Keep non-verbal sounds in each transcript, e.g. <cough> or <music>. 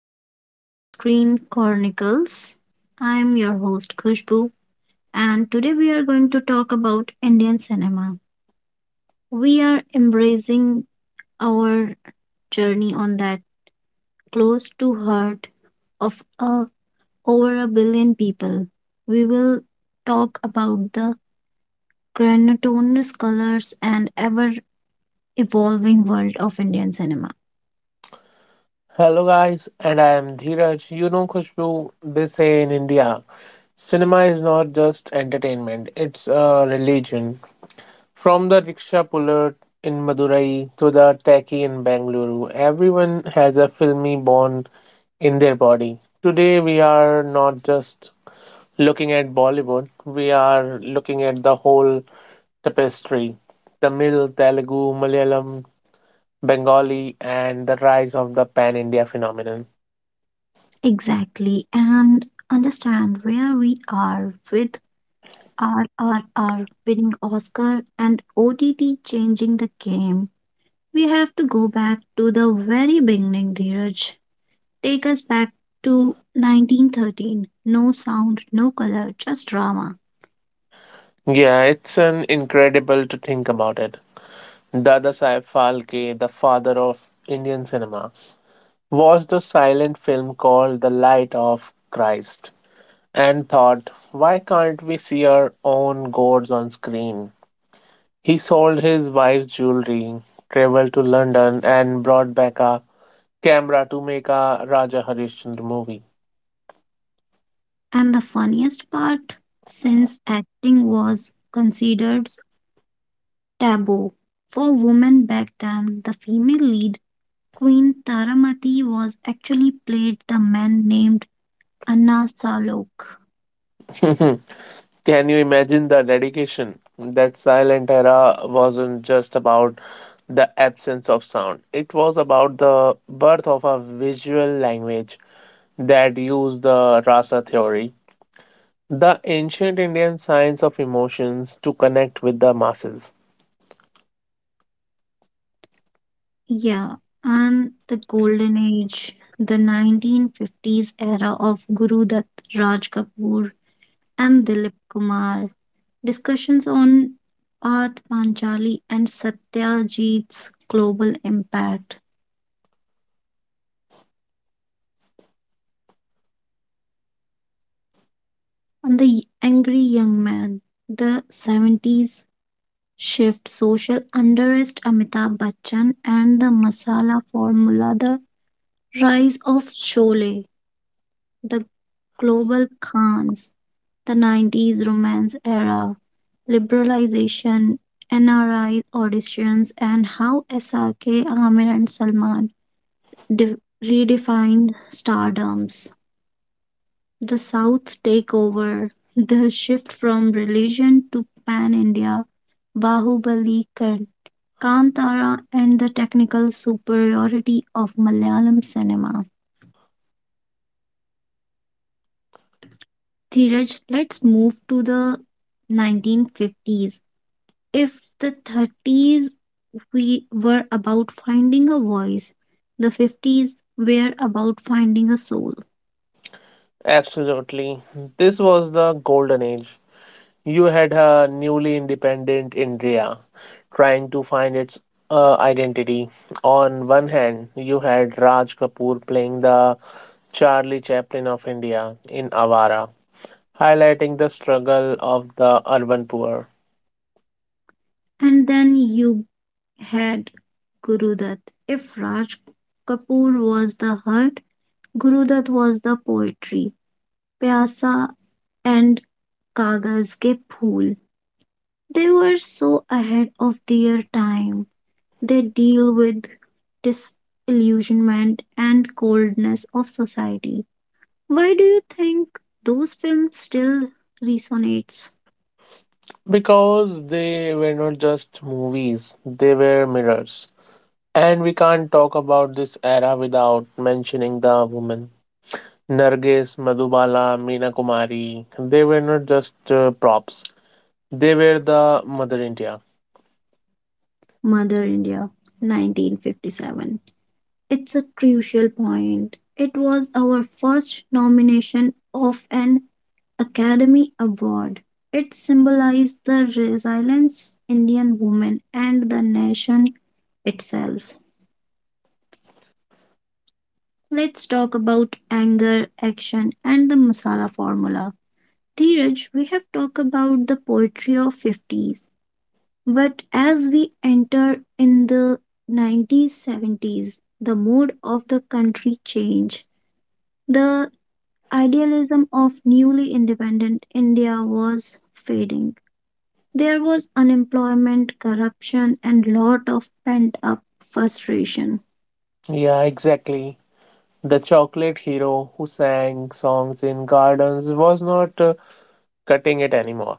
to the Silver Screen Chronicles. I'm your host Khushbu, and today we are going to talk about Indian cinema. We are embracing our journey on that close to heart of over a billion people. We will talk about the grandiose colors and ever evolving world of Indian cinema. Hello, guys, and I am Dheeraj. You know, Khushbu, they say in India, cinema is not just entertainment, it's a religion. From the rickshaw puller in Madurai to the techie in Bangalore, everyone has a filmy bond in their body. Today, we are not just looking at Bollywood, we are looking at the whole tapestry Tamil, Telugu, Malayalam, Bengali, and the rise of the pan India phenomenon. Exactly, and understand where we are with RRR winning Oscar and OTT changing the game. We have to go back to the very beginning, Dheeraj. Take us back to 1913. No sound, no color, just drama. Yeah, it's an incredible to think about it. Dada Saib Phalke, the father of Indian cinema, watched a silent film called The Light of Christ and thought, why can't we see our own gods on screen? He sold his wife's jewelry, traveled to London, and brought back a camera to make a Raja Harishchandra movie. And the funniest part, since acting was considered taboo for women back then, the female lead, Queen Taramati, was actually played the man named Anna Salok. <laughs> Can you imagine the dedication? That silent era wasn't just about the absence of sound, it was about the birth of a visual language that used the rasa theory, the ancient Indian science of emotions, to connect with the masses. Yeah, and the golden age, the 1950s era of Guru Dutt, Raj Kapoor, and Dilip Kumar, discussions on Art Panchali and Satyajit's global impact, and the angry young man, the 70s shift, social unrest, Amitabh Bachchan, and the masala formula, the rise of Sholay, the global Khans, the 90s romance era, liberalization, NRI auditions, and how SRK, Aamir, and Salman de- redefined stardoms, the South takeover, the shift from religion to pan India, Bahubali, Kantara, and the technical superiority of Malayalam cinema. Dheeraj, let's move to the 1950s. If the 30s we were about finding a voice, the 50s were about finding a soul. Absolutely. This was the golden age. You had a newly independent India trying to find its identity. On one hand, you had Raj Kapoor playing the Charlie Chaplin of India in Avara, highlighting the struggle of the urban poor. And then you had Gurudat. If Raj Kapoor was the heart, Gurudat was the poetry. Pyasa and Kagas ke Phool. They were so ahead of their time. They deal with disillusionment and coldness of society. Why do you think those films still resonates? Because they were not just movies, they were mirrors. And we can't talk about this era without mentioning the women. Nargis, Madhubala, Meena Kumari, they were not just props. They were the Mother India. Mother India, 1957. It's a crucial point. It was our first nomination of an Academy Award. It symbolized the resilience Indian women and the nation itself. Let's talk about anger, action, and the masala formula. Dheeraj, we have talked about the poetry of 50s, but as we enter in the 1970s, the mood of the country changed. The idealism of newly independent India was fading. There was unemployment, corruption, and lot of pent-up frustration. Yeah, exactly. The chocolate hero who sang songs in gardens was not cutting it anymore.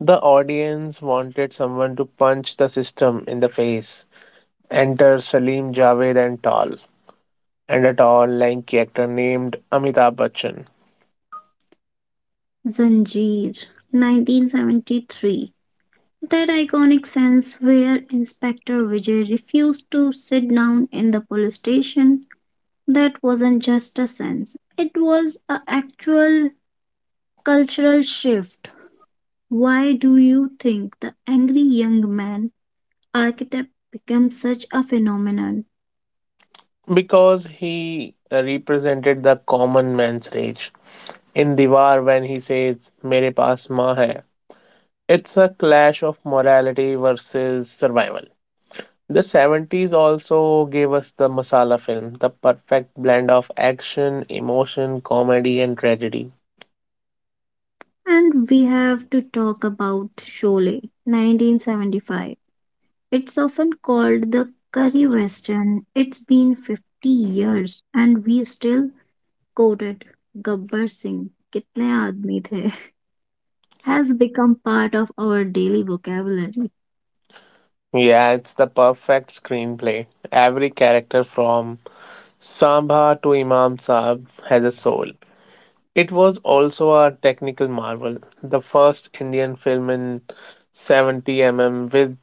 The audience wanted someone to punch the system in the face. Enter Salim Javed and Tall, and a tall, lanky actor named Amitabh Bachchan, Zanjeer, 1973. That iconic sense where Inspector Vijay refused to sit down in the police station. That wasn't just a sense, it was an actual cultural shift. Why do you think the angry young man archetype became such a phenomenon? because he represented the common man's rage. In Diwar, when he says, Mere paas maa hai, it's a clash of morality versus survival. The 70s also gave us the masala film, the perfect blend of action, emotion, comedy, and tragedy. And we have to talk about Sholay, 1975. It's often called the curry western. It's been 50 years and we still quote it. Gabbar Singh, कितने आदमी the, <laughs> has become part of our daily vocabulary. Yeah, it's the perfect screenplay. Every character from Samba to Imam Saab has a soul. It was also a technical marvel, the first Indian film in 70 mm with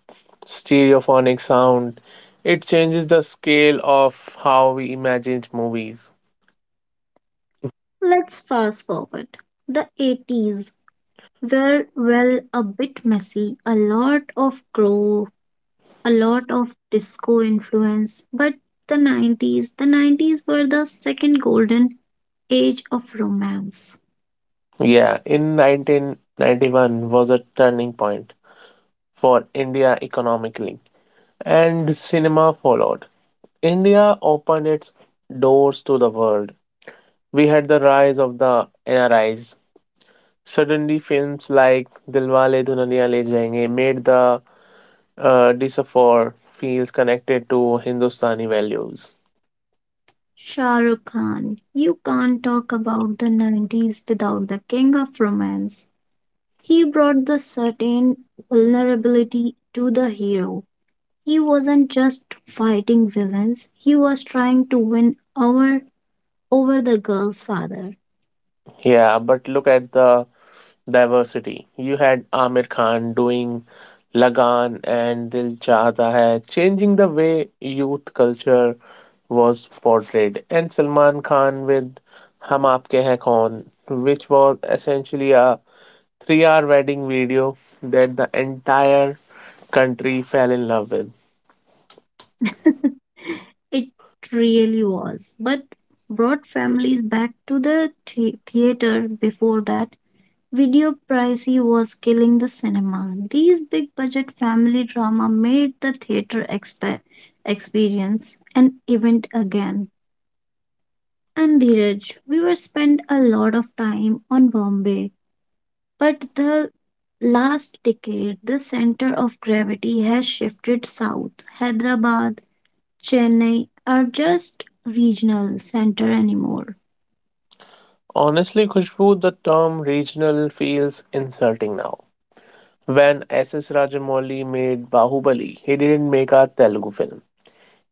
stereophonic sound. It changes the scale of how we imagined movies. Let's fast forward. The 80s were, well, a bit messy, a lot of grow, a lot of disco influence, but the 90s, the 90s were the second golden age of romance. Yeah, in 1991 was a turning point for India economically, and cinema followed. India opened its doors to the world. We had the rise of the NRIs. Suddenly, films like Dilwale Dulhaniya Le Jayenge made the decipher feels connected to Hindustani values. Shah Rukh Khan, you can't talk about the 90s without the king of romance. He brought the certain vulnerability to the hero. He wasn't just fighting villains, he was trying to win our over the girl's father. <laughs> Yeah, but look at the diversity. You had Amir Khan doing Lagan and Dil Chahta Hai, changing the way youth culture was portrayed, and Salman Khan with Hum Aapke Hain Kaun, which was essentially a 3 hour wedding video that the entire country fell in love with. It really was, but brought families back to the theater before that. Video pricey was killing the cinema. These big budget family drama made the theater experience an event again. And Dheeraj, we were spent a lot of time on Bombay, but the last decade, the center of gravity has shifted south. Hyderabad, Chennai are just regional center anymore. Honestly, Khushbu, the term regional feels insulting now. When S.S. Rajamouli made Bahubali, he didn't make a Telugu film.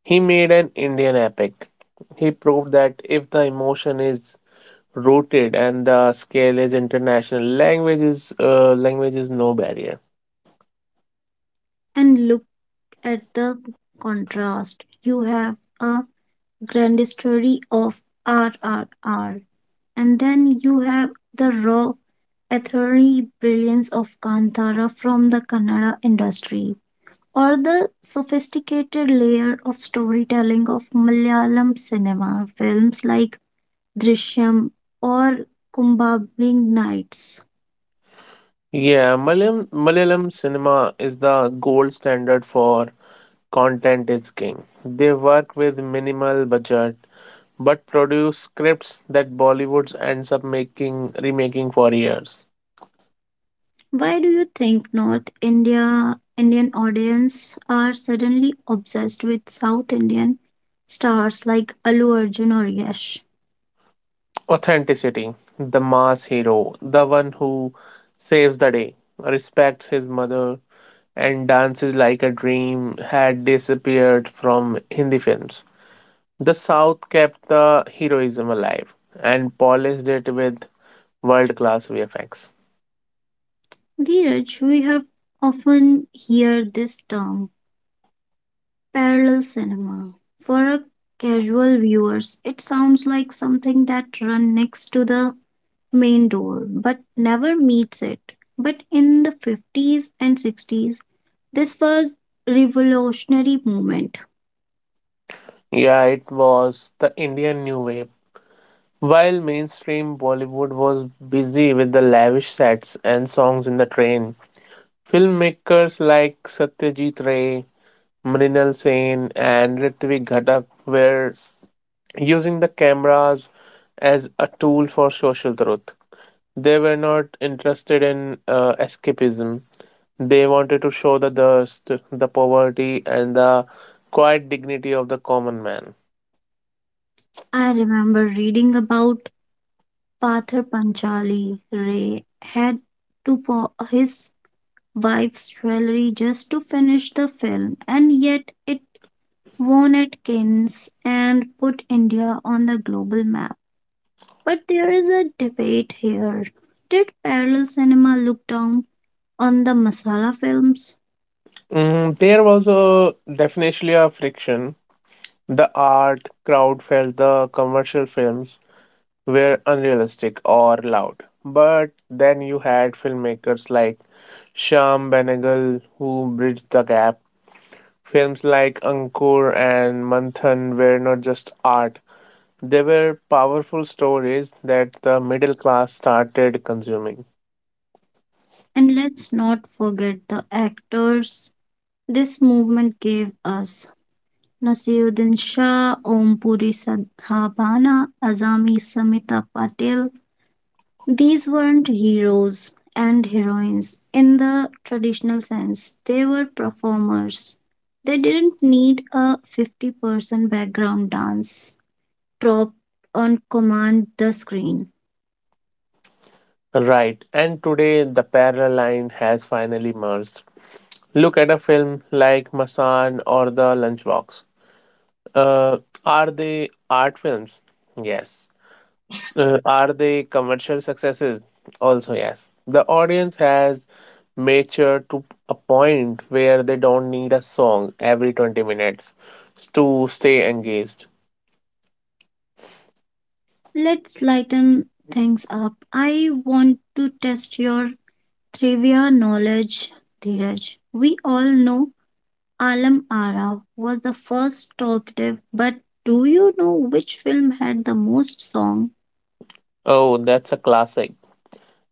He made an Indian epic. He proved that if the emotion is rooted and the scale is international, language is no barrier. And look at the contrast. You have a grand story of RRR, and then you have the raw ethereal brilliance of Kantara from the Kannada industry, or the sophisticated layer of storytelling of Malayalam cinema films like Drishyam or Kumbhabling Nights. Yeah, Malayalam cinema is the gold standard for content is king. They work with minimal budget but produce scripts that Bollywood ends up making remaking for years. Why do you think North India Indian audience are suddenly obsessed with South Indian stars like Allu Arjun or Yash? Authenticity. The mass hero, the one who saves the day, respects his mother, and dances like a dream had disappeared from Hindi films. The South kept the heroism alive and polished it with world class VFX. Dheeraj, we have often hear this term parallel cinema. For a casual viewers, it sounds like something that run next to the main door but never meets it. But in the 50s and 60s, this was revolutionary movement. Yeah, it was the Indian New Wave. While mainstream Bollywood was busy with the lavish sets and songs in the train, filmmakers like Satyajit Ray, Mrinal Sen, and Ritvik Ghatak were using the cameras as a tool for social truth. They were not interested in escapism. They wanted to show the dust, the poverty, and the quiet dignity of the common man. I remember reading about Pathar Panchali. Ray had to pawn his wife's jewelry just to finish the film, and yet it won at Cannes and put India on the global map. But there is a debate here. Did parallel cinema look down on the masala films? Mm, there was a definitely a friction. The art crowd felt the commercial films were unrealistic or loud. But then you had filmmakers like Sham Benegal who bridged the gap. Films like Ankur and Manthan were not just art, they were powerful stories that the middle class started consuming. And let's not forget the actors this movement gave us. Nasiruddin Shah, Om Puri Sadhavana, Azami Samita Patil. These weren't heroes and heroines in the traditional sense, they were performers. They didn't need a 50% background dance prop on command the screen. Right, and today the parallel line has finally merged. Look at a film like Masan or The Lunchbox. Uh, are they art films? Yes. Are they commercial successes? Also, yes. The audience has matured to a point where they don't need a song every 20 minutes to stay engaged. Let's lighten things up. I want to test your trivia knowledge, Dheeraj. We all know Alam Ara was the first talkative, but do you know which film had the most song? Oh, that's a classic.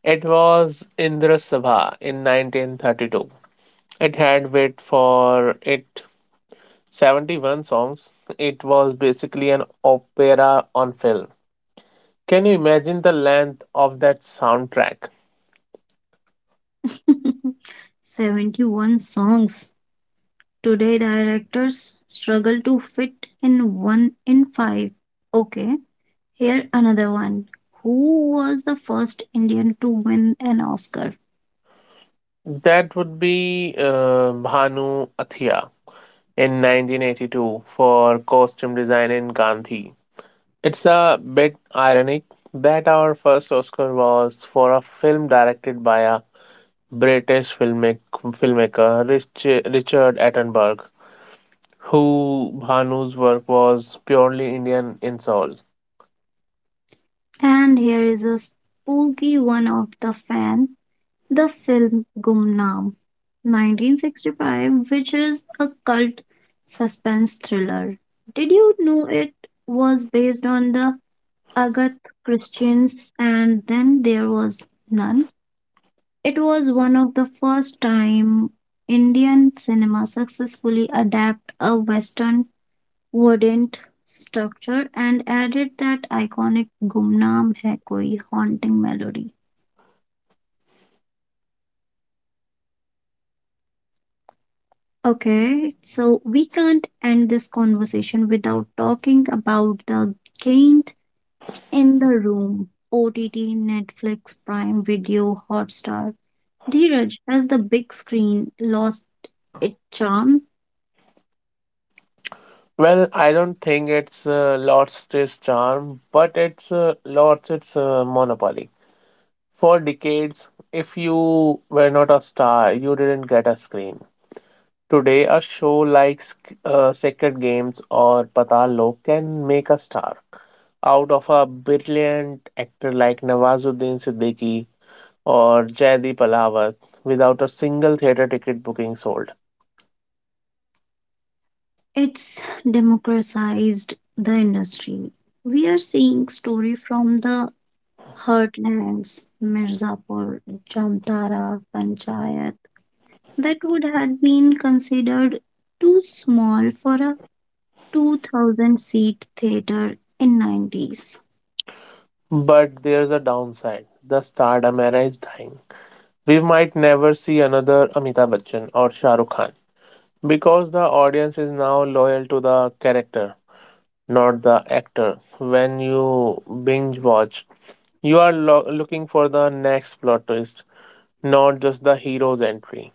It was Indra Sabha in 1932. It had, wait for it, 71 songs. It was basically an opera on film. Can you imagine the length of that soundtrack? <laughs> 71 songs. Today, directors struggle to fit in one in five. Okay, here another one. Who was the first Indian to win an Oscar? That would be Bhanu Athia in 1982 for costume design in Gandhi. It's a bit ironic that our first Oscar was for a film directed by a British filmmaker, Richard Attenborough, who Bhanu's work was purely Indian in soul. And here is a spooky one of the fan the film Gumnaam 1965, which is a cult suspense thriller. Did you know it was based on the Agatha Christians and then there was none? It was one of the first time Indian cinema successfully adapt a Western verdant structure and added that iconic Gumnaam Hai Koi haunting melody. Okay, so we can't end this conversation without talking about the giant in the room. OTT, Netflix, Prime Video, Hotstar. Dheeraj, has the big screen lost its charm? Well, I don't think it's lost its charm, but it's lost its monopoly. For decades, if you were not a star, you didn't get a screen. Today, a show like Sacred Games or Patal Lok can make a star out of a brilliant actor like Nawazuddin Siddiqui or Jaideep Alawat without a single theater ticket booking sold. It's democratized the industry. We are seeing story from the heartlands, Mirzapur, Jamtara, Panchayat, that would have been considered too small for a 2000 seat theater in 90s. But there's a downside. The stardom era is dying. We might never see another Amitabh Bachchan or Shah Rukh Khan because the audience is now loyal to the character, not the actor. When you binge watch, you are looking for the next plot twist, not just the hero's entry.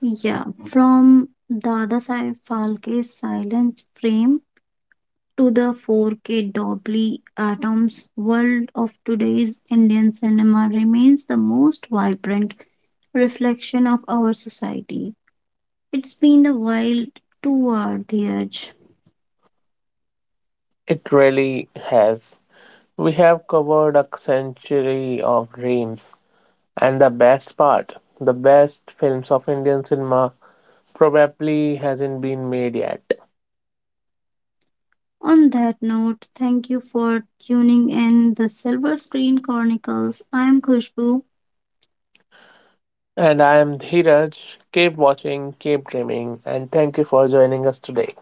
Yeah, from Dadasaheb Phalke's silent frame to the 4K Dolby Atoms world of today's Indian cinema remains the most vibrant reflection of our society. It's been a wild toward the edge. It really has. We have covered a century of dreams, and the best part, the best films of Indian cinema probably hasn't been made yet. On that note, thank you for tuning in the Silver Screen Chronicles. I am Khushbu. And I am Dhiraj. Keep watching, keep dreaming, and thank you for joining us today.